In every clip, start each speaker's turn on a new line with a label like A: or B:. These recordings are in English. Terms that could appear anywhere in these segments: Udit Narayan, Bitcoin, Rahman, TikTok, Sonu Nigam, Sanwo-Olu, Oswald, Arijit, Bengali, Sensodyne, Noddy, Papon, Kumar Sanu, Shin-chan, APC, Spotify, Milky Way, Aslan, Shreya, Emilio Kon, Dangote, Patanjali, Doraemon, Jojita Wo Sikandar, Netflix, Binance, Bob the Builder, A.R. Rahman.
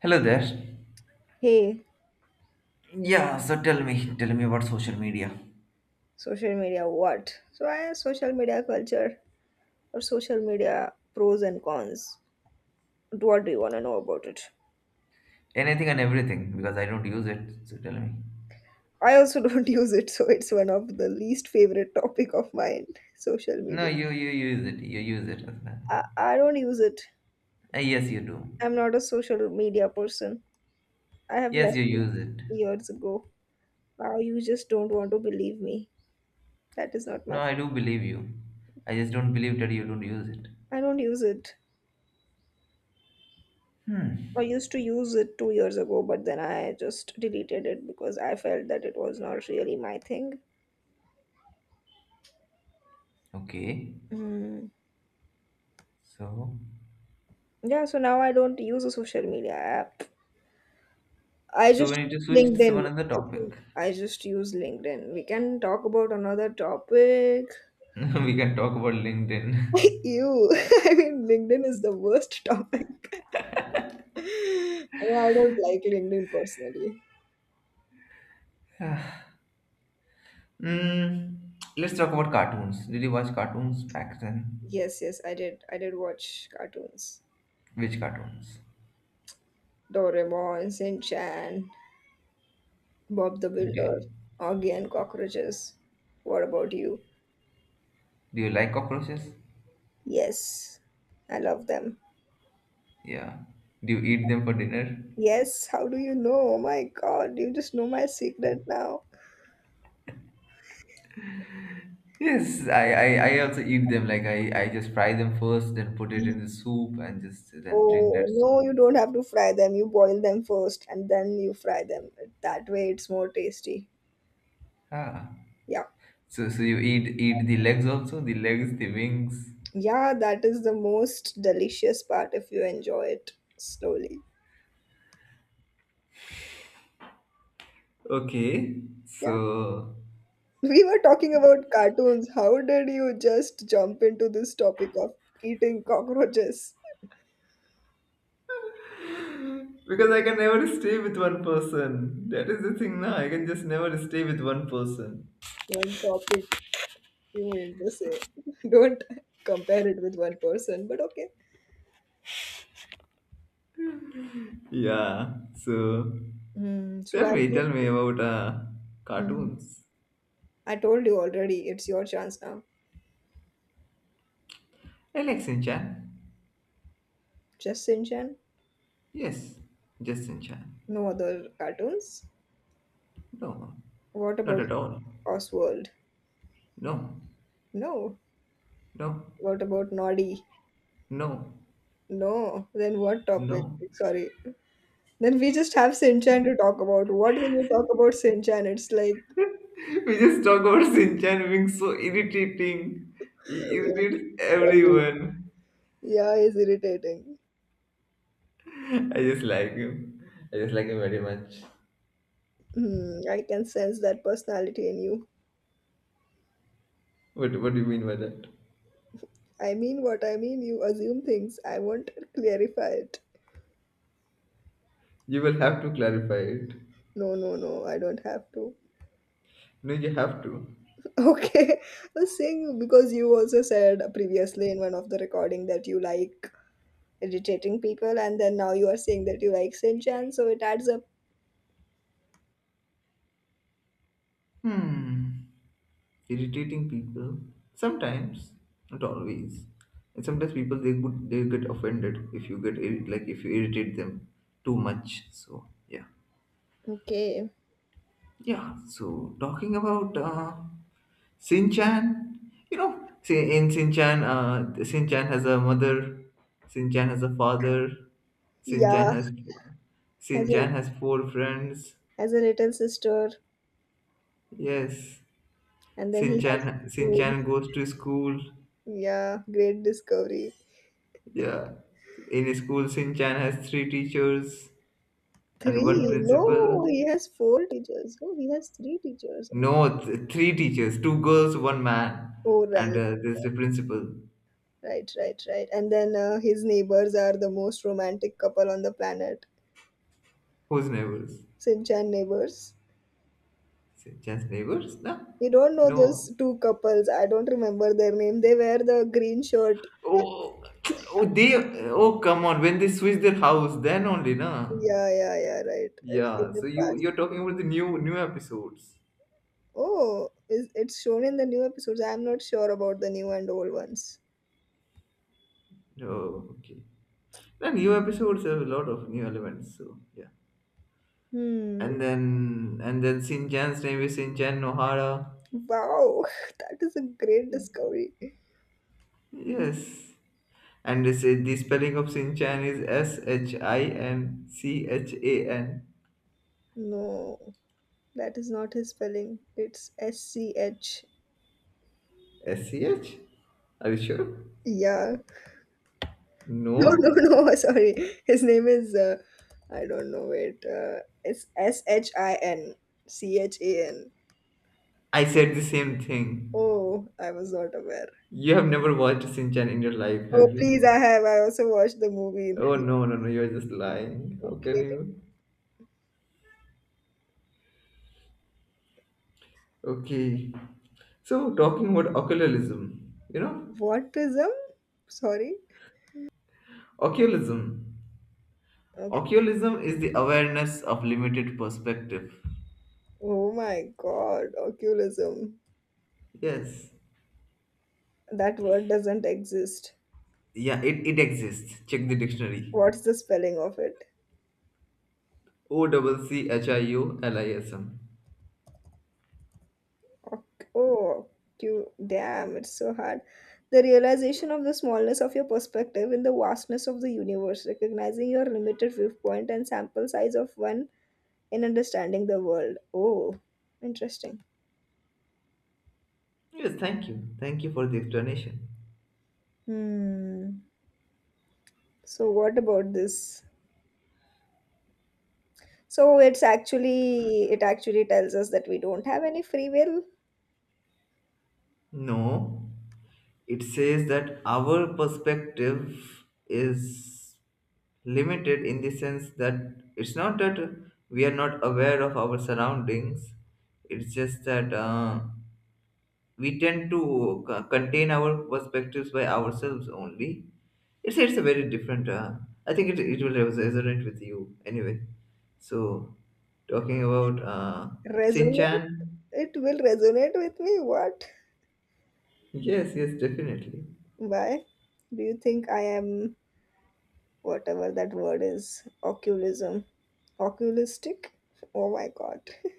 A: Hello there.
B: Hey,
A: Yeah, so tell me about social media.
B: social media, what? So, I social media culture or social media pros and cons. What do you want to know about it?
A: Anything and everything, because I don't use it. So tell me.
B: I also don't use it, so it's one of the least favorite topic of mine. Social
A: No,
B: media.
A: you use it. You use it, Aslan.
B: I don't use it.
A: Yes, you do.
B: I'm not a social media person. I have
A: Yes,
B: left
A: you use it.
B: it years ago. Now you just don't want to believe me. That is not
A: No,
B: my.
A: I do believe you. I just don't believe that you don't use it.
B: I don't use it. I used to use it 2 years ago, but then I just deleted it because I felt that it was not really my thing.
A: Okay.
B: Mm.
A: So,
B: Yeah, so now I don't use a social media app. I
A: so we
B: just
A: need to
B: use
A: switch to some
B: LinkedIn.
A: another
B: I think
A: topic.
B: I just use LinkedIn. We can talk about another topic.
A: We can talk about LinkedIn.
B: You, I mean, LinkedIn is the worst topic. I mean, I don't like LinkedIn personally.
A: mm, let's talk about cartoons. Did you watch cartoons back then?
B: Yes, yes, I did. I did watch cartoons.
A: Which cartoons?
B: Doraemon, Shin-chan, Bob the
A: Do
B: Builder,
A: you,
B: Augie and Cockroaches. What about you?
A: do you like cockroaches?
B: Yes, I love them.
A: Yeah. Do you eat them for dinner?
B: Yes, how do you know? Oh my god, you just know my secret now.
A: Yes, I also eat them. Like I just fry them first, then put it in the soup and just then drink
B: Oh,
A: that soup.
B: no, you don't have to fry them. You boil them first and then you fry them. That way it's more tasty.
A: Ah.
B: Yeah.
A: So you eat the legs also, the legs, the wings.
B: Yeah, that is the most delicious part if you enjoy it slowly.
A: Okay.
B: Yeah.
A: So,
B: We were talking about cartoons. How did you just jump into this topic of eating cockroaches?
A: because I can never stay with one person. That is the thing now. I can just never stay with one person.
B: One topic you mean to say. Don't compare it with one person, but okay.
A: Yeah. So
B: Hmm. so
A: tell
B: I
A: me, tell me about
B: Mhm.
A: cartoons.
B: I told you already, it's your chance now.
A: I like Shin Chan.
B: Just Shinchan?
A: Yes, just Shin Chan.
B: No other cartoons?
A: No,
B: What
A: not
B: about
A: at all.
B: Oswald?
A: No,
B: No.
A: no,
B: What about Noddy?
A: no,
B: No. Then what topic?
A: no.
B: Sorry. Then we just have Shinchan to talk about. What will we talk about Shinchan? It's like,
A: We just talk about Sinchan being so irritating. He irritates everyone.
B: yeah, it's irritating.
A: I just like him. I just like him very much.
B: Hmm, I can sense that personality in you.
A: What do you mean by that?
B: I mean what I mean. You assume things. I won't clarify it.
A: You will have to clarify it.
B: No, no, no. I don't have to.
A: No, you have to.
B: Okay, the thing because you also said previously in one of the recording that you like irritating people, and then now you are saying that you like Sinchan, so it adds up.
A: Hmm. Irritating people. Sometimes, not always. And sometimes people they get offended if you like if you irritate them too much. So yeah.
B: Okay,
A: Yeah, so talking about Sinchan, say in Sinchan, Sinchan has a mother, Sinchan has a father,
B: yeah,
A: Sinchan has
B: has a
A: Sinchan has four friends.
B: has a little sister,
A: Yes,
B: and then he has a
A: Sinchan
B: school.
A: Sinchan goes to school.
B: Yeah, great discovery.
A: Yeah, in school Sinchan has three teachers and
B: Three?
A: one principal.
B: No, he has four teachers. Oh, he has three teachers.
A: No, three teachers, two girls, one man,
B: Oh,
A: and
B: right,
A: there's the principal
B: right. And then his neighbors are the most romantic couple on the planet.
A: who's nervous.
B: Sinchan neighbors.
A: Just neighbors? No,
B: You don't know
A: no.
B: those two couples. I don't remember their name. They wear the green shirt.
A: Oh, oh, they. Oh, come on. When they switch their house, then only, na.
B: Yeah, yeah, yeah, right. In
A: Yeah.
B: the
A: So you
B: past.
A: you're talking about the new episodes.
B: Oh, is it's shown in the new episodes. I'm not sure about the new and old ones.
A: Oh, okay. The new episodes have a lot of new elements. So yeah.
B: Hmm.
A: And then Shinchan's name is Shinchan Nohara.
B: Wow, that is a great discovery.
A: Yes. And they say the spelling of Shinchan is Shinchan.
B: No, that is not his spelling. It's SCH.
A: S C H? Are you sure?
B: Yeah. No,
A: No.
B: no, no. Sorry. His name is. I don't know. Wait. It's Shinchan.
A: I said the same thing.
B: Oh, I was not aware.
A: You have never watched Shinchan in your life, have
B: Oh, please,
A: you?
B: I have. I also watched the movie in
A: Oh
B: theater.
A: no, no, no, you're just lying. How can
B: Okay.
A: you? Okay. So, talking about occultism,
B: What prism? Sorry.
A: occultism.
B: Uh,
A: Occultism is the awareness of limited perspective.
B: Oh my God, oculism.
A: Yes.
B: That word doesn't exist.
A: Yeah, it exists. Check the dictionary.
B: What's the spelling of it?
A: O double C H I U L I S M.
B: Oh, Q. Damn, it's so hard. The realization of the smallness of your perspective in the vastness of the universe, recognizing your limited viewpoint and sample size of one in understanding the world. Oh, interesting.
A: Yes, thank you. Thank you for the explanation.
B: Hmm. So what about this? So it actually tells us that we don't have any free will.
A: No, it says that our perspective is limited in the sense that it's not that we are not aware of our surroundings, it's just that we tend to contain our perspectives by ourselves only. It's a very different, I think it will resonate with you anyway. So, talking about Shin
B: Resonate,
A: Chan,
B: it will resonate with me. What?
A: yes, yes, definitely.
B: Why? Do you think I am whatever that word is? Occulism. Occulistic? Oh my god.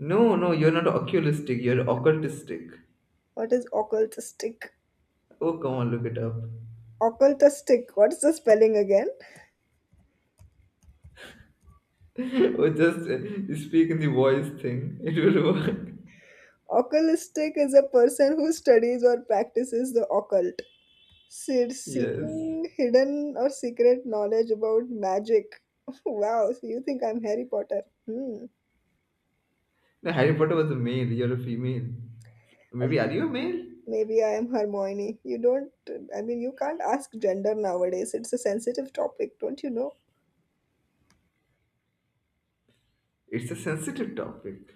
A: No, no, you're not oculistic, you're occultistic.
B: What is occultistic?
A: Oh, come on, look it up.
B: Occultistic. What's the spelling again?
A: Or just speak in the voice thing. It will work.
B: Occultistic is a person who studies or practices the occult.
A: Yes.
B: Seeking hidden or secret knowledge about magic. Wow, so you think I'm Harry Potter? Hmm.
A: No, Harry Potter was a male, you're a female. Maybe are you a male?
B: Maybe I am Hermione. You don't, I mean, you can't ask gender nowadays. It's a sensitive topic, don't you know?
A: It's a sensitive topic.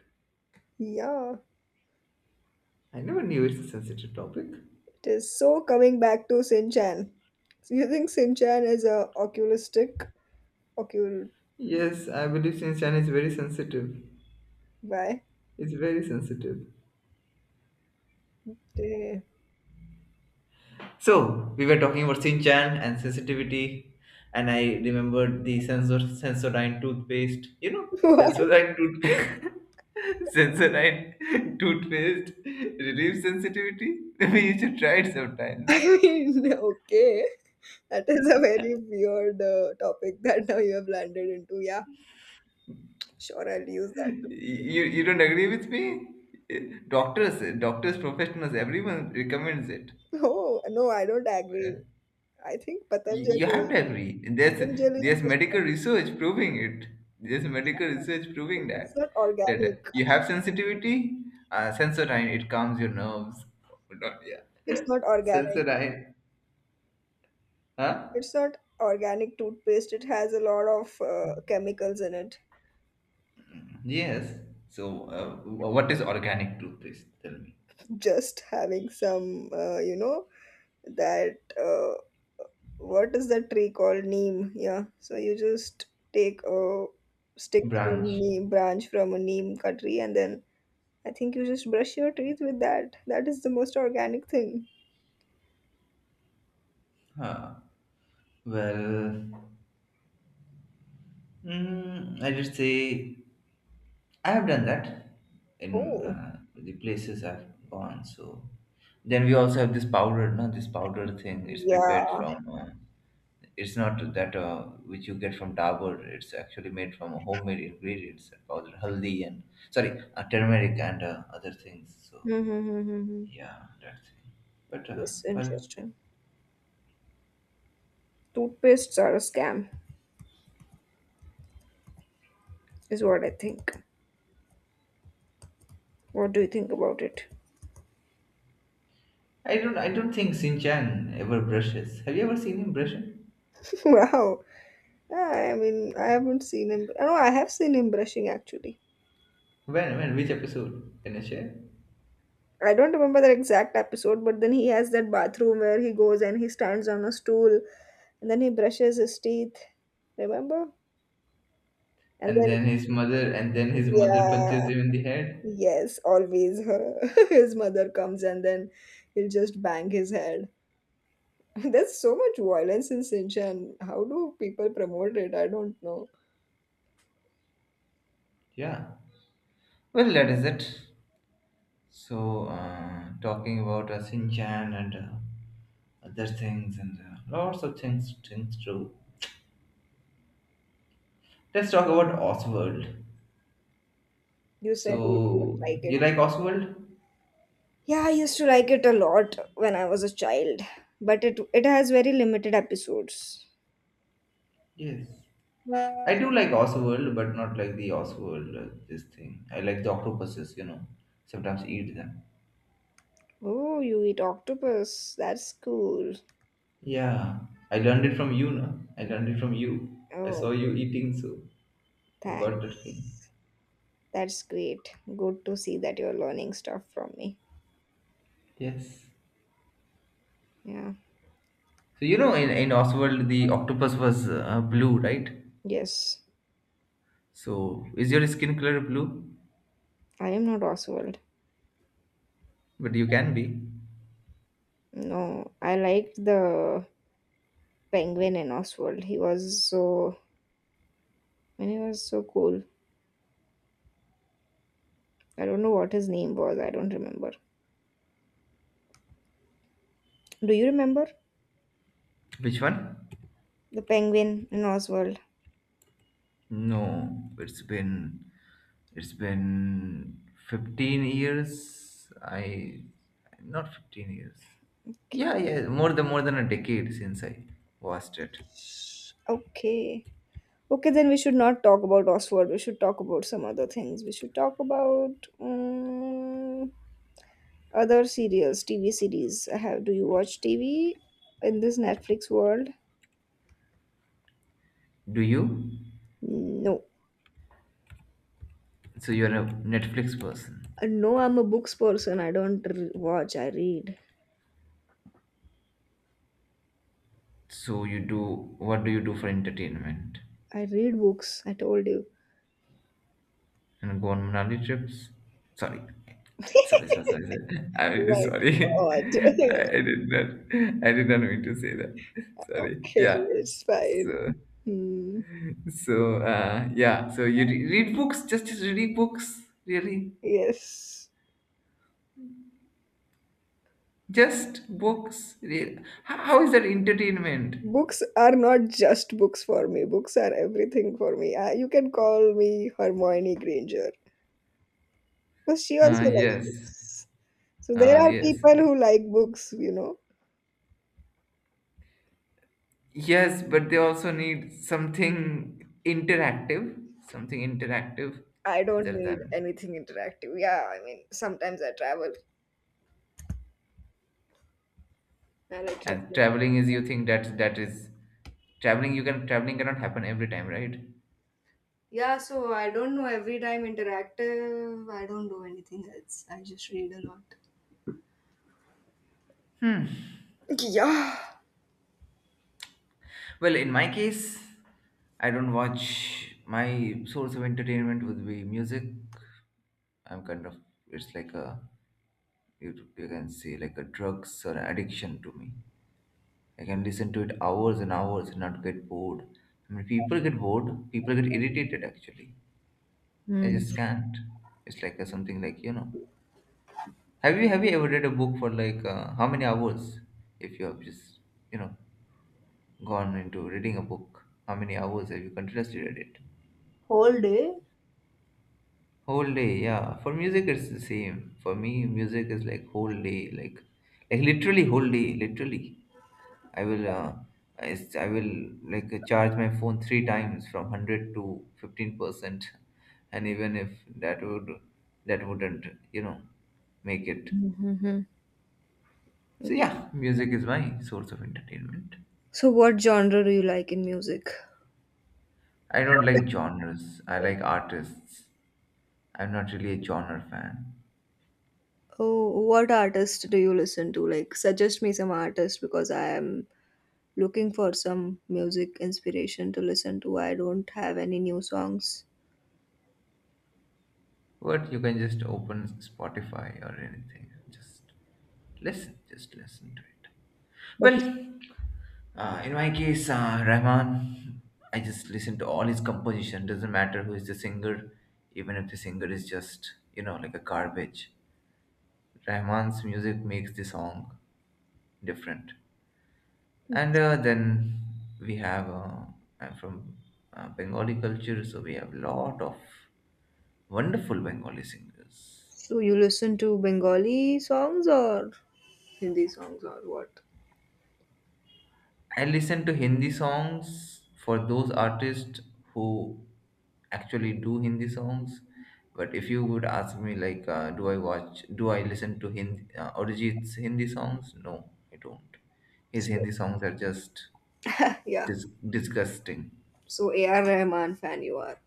B: Yeah,
A: I never knew it's a sensitive topic.
B: it is. So coming back to Sinchan. So you think Sinchan is a oculistic? Ocul.
A: Yes, I believe since China is very sensitive.
B: Why?
A: It's very sensitive.
B: Eh.
A: So we were talking about Sinchan and sensitivity, and I remembered the sensor sensodyne toothpaste.
B: What?
A: Sensodyne toothpaste. Sensodyne toothpaste relieves sensitivity. Maybe you should try it sometimes.
B: I mean, okay. That is a very weird topic that now you have landed into. Yeah, sure, I'll use that.
A: You don't agree with me? Doctors, professionals, everyone recommends it.
B: Oh, no, I don't agree.
A: Yeah.
B: I think
A: You have
B: Patanjali,
A: to agree there's
B: Patanjali
A: there's
B: is
A: medical research proving it. There's medical research proving
B: it's
A: that
B: not
A: that
B: organic.
A: you have sensitivity. Sensodyne, it calms your nerves. Yeah.
B: It's not organic.
A: Sensodyne. Huh.
B: It's not organic toothpaste. It has a lot of chemicals in it.
A: Yes. So what is organic toothpaste? Tell me.
B: Just having some, you know, that what is that tree called? Neem. Yeah. So you just take a stick from
A: Branch.
B: neem branch from a neem tree, and then I think you just brush your teeth with that. That is the most organic thing.
A: Huh. Well, I did say I have done that in
B: Oh,
A: the places I've gone. So then we also have this powder, no, this powder thing. It's
B: yeah.
A: prepared from. It's not that which you get from Dabur. It's actually made from homemade ingredients, and powder, haldi, and sorry, turmeric and other things. So
B: Hmm, hmm, hmm, hmm, hmm.
A: yeah, that thing. But
B: Yes,
A: well,
B: interesting. Toothpastes are a scam, is what I think. What do you think about it?
A: I don't think Sinchan ever brushes. Have you ever seen him brushing?
B: Wow. Yeah, I mean, I haven't seen him. No, I have seen him brushing actually.
A: When? When? Which episode? Can you share?
B: I don't remember the exact episode, but then he has that bathroom where he goes and he stands on a stool and then he brushes his teeth. Remember? And
A: And
B: then,
A: then his mother, and then his mother
B: yeah,
A: punches him in the head.
B: yes, always her. His mother comes and then he'll just bang his head. There's so much violence in Sinchan. How do people promote it? I don't know.
A: Yeah. Well, that is it. So, talking about Shinchan and other things and lots of things, things too. Let's talk about Oswald.
B: You said you don't
A: So,
B: like it.
A: you like Oswald?
B: Yeah, I used to like it a lot when I was a child, but it has very limited episodes.
A: Yes. I do like Oswald, but not like the Oswald, this thing. I like the octopuses. Sometimes eat them.
B: Oh, you eat octopus. That's cool.
A: Yeah. I learned it from you, no? I learned it from you. I
B: Oh,
A: saw you eating, so. You got that feeling.
B: thanks. That's great. Good to see that you're learning stuff from me.
A: Yes.
B: Yeah.
A: So in Oswald, the octopus was blue, right?
B: Yes.
A: So is your skin color blue?
B: I am not Oswald.
A: But you can be.
B: No, I liked the penguin in Oswald. He was so and he was so cool. I don't know what his name was. I don't remember. Do you remember
A: Which one?
B: the penguin in Oswald?
A: No, it's been it's been 15 years. I, not 15 years.
B: Okay.
A: Yeah, yeah, more than a decade since I watched it.
B: Okay. Okay, then we should not talk about Oswald. We should talk about some other things. We should talk about other serials, TV series. I have. Do you watch TV in this Netflix world?
A: Do you?
B: No.
A: So you're a Netflix person.
B: No, I'm a books person. I don't r watch. I read.
A: So you do what do you do for entertainment?
B: I read books. I told you.
A: And go on Manali trips. Sorry. Sorry, sorry, sorry, sorry. I'm
B: Oh
A: really
B: my
A: sorry.
B: God.
A: I, I did not I did not mean to say that. Sorry.
B: Okay,
A: Yeah.
B: it's fine.
A: So
B: Hmm.
A: so yeah, so you read books, just read books, really?
B: Yes.
A: Just books. How is that entertainment?
B: Books are not just books for me. Books are everything for me. You can call me Hermione Granger. But she
A: Uh
B: also likes
A: yes.
B: books. So there
A: Uh
B: are
A: yes.
B: people who like books, you know.
A: Yes, but they also need something interactive
B: I don't
A: other
B: need
A: than,
B: anything interactive. Yeah, I mean, sometimes I travel. I like
A: and
B: traveling.
A: traveling is you think that that is traveling, you can, traveling cannot happen every time, right?
B: Yeah, so I don't know every time interactive. I don't do anything else. I just read a lot. Yeah,
A: Well, in my case, I don't watch. My source of entertainment would be music. I'm kind of, it's like a, you you can say like a drugs or an addiction to me. I can listen to it hours and hours and not get bored. I mean, people get bored, people get irritated, actually I just can't. It's like a, something like. Have you ever read a book for like how many hours? If you have just you know gone into reading a book, how many hours have you continuously read it?
B: whole day.
A: Whole day, yeah. For music, it's the same. For me, music is like whole day, like literally whole day, literally. I will uh, I will like charge my phone three times from 100 to 15%, and even if that would that wouldn't you know make it.
B: Mhm.
A: So yeah, music is my source of entertainment.
B: So, what genre do you like in music?
A: I don't like genres. I like artists. I'm not really a genre fan.
B: Oh, what artist do you listen to? Like, suggest me some artist because I am looking for some music inspiration to listen to. I don't have any new songs.
A: But you can just open Spotify or anything. Just listen. Just listen to it.
B: But
A: Well, in my case, Rahman, I just listen to all his composition. Doesn't matter who is the singer, even if the singer is just like a garbage. Rahman's music makes the song different. And then we have, I'm from Bengali culture, so we have lot of wonderful Bengali singers.
B: do you listen to Bengali songs or Hindi songs or what?
A: I listen to Hindi songs for those artists who actually do Hindi songs. But if you would ask me, like, do I listen to Hindi, Arijit's Hindi songs? No, I don't. His
B: So,
A: Hindi songs are just
B: yeah.
A: disgusting.
B: So, A.R. Rahman fan you are.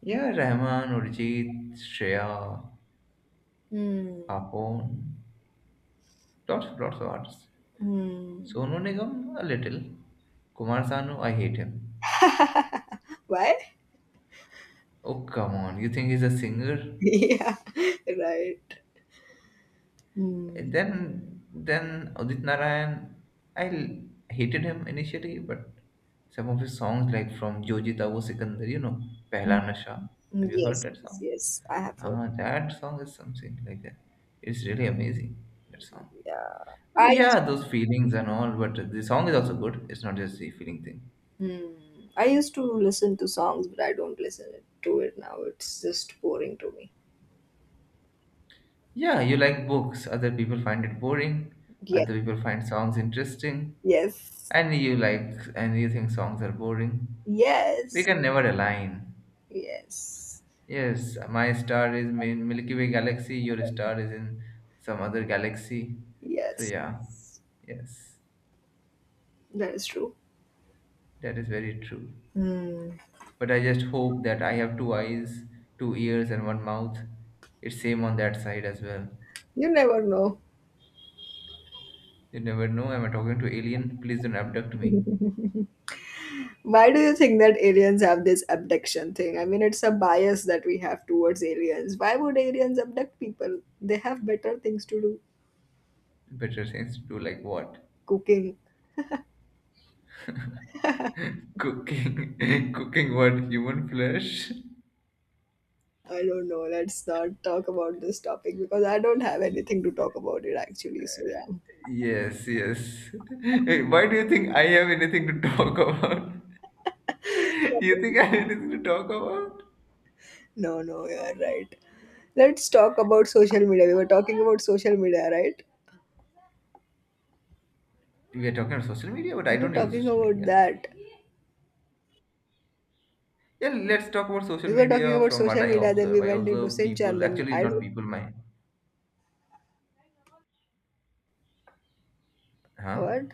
A: Yeah, Rahman, Arijit, Shreya,
B: Hmm.
A: Papon. Lots of artists.
B: Hmm.
A: Sonu Nigam, a little. Kumar Sanu, I hate him.
B: Why?
A: Oh, come on, you think he's a singer?
B: Yeah. Right. Hmm.
A: Then Udit Narayan, I hated him initially, but some of his songs like from Jojita Wo Sikandar, Pehla Nasha. Have you heard
B: Yes,
A: that
B: yes,
A: song?
B: yes. I have
A: Ah, that song is something like that. It's really amazing that song.
B: Yeah,
A: I
B: I
A: mean, yeah, those feelings and all, but the song is also good. It's not just the feeling thing.
B: hmm, I used to listen to songs, but I don't listen it- to it now. It's just boring to me.
A: Yeah, you like books. Other people find it boring.
B: Yes,
A: Other people find songs interesting.
B: yes,
A: And you think songs are boring. We
B: yes,
A: can never align.
B: yes,
A: Yes, my star is in Milky Way galaxy. Your star is in some other galaxy. So
B: yes.
A: yeah, yes,
B: That is true.
A: that is very true.
B: Hmm.
A: But I just hope that I have two eyes, two ears, and one mouth. It's same on that side as well.
B: You never know.
A: You never know. Am I talking to alien? Please don't abduct me.
B: Why do you think that aliens have this abduction thing? I mean, it's a bias that we have towards aliens. Why would aliens abduct people? They have better things to do.
A: Better things to do like what?
B: Cooking.
A: Cooking, cooking what? Human flesh?
B: I don't know. Let's not talk about this topic because I don't have anything to talk about it actually. So, yeah.
A: Yes, yes. Hey, why do you think I have anything to talk about? You think I have anything to talk about?
B: No, no, you're right. Let's talk about social media. We were talking about social media, right?
A: We are talking about social media, but
B: We
A: I
B: were
A: don't use
B: talking
A: social
B: about
A: media.
B: that.
A: Yeah, let's talk about social
B: We were talking
A: media
B: about
A: from what
B: social
A: I
B: media, then we
A: observe. I
B: went into
A: observe
B: Sinchan,
A: people,
B: then
A: actually
B: I
A: not
B: don't
A: people, my, huh?
B: what?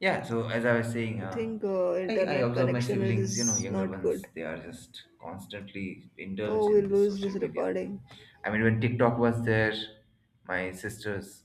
A: Yeah, so as I was saying,
B: I think
A: I
B: internet
A: observe my
B: connection
A: siblings,
B: is
A: younger
B: not good.
A: ones, they are just constantly
B: Oh,
A: indulged
B: we
A: in this
B: lose this
A: social media thing.
B: recording.
A: I mean, when TikTok was there, my sisters,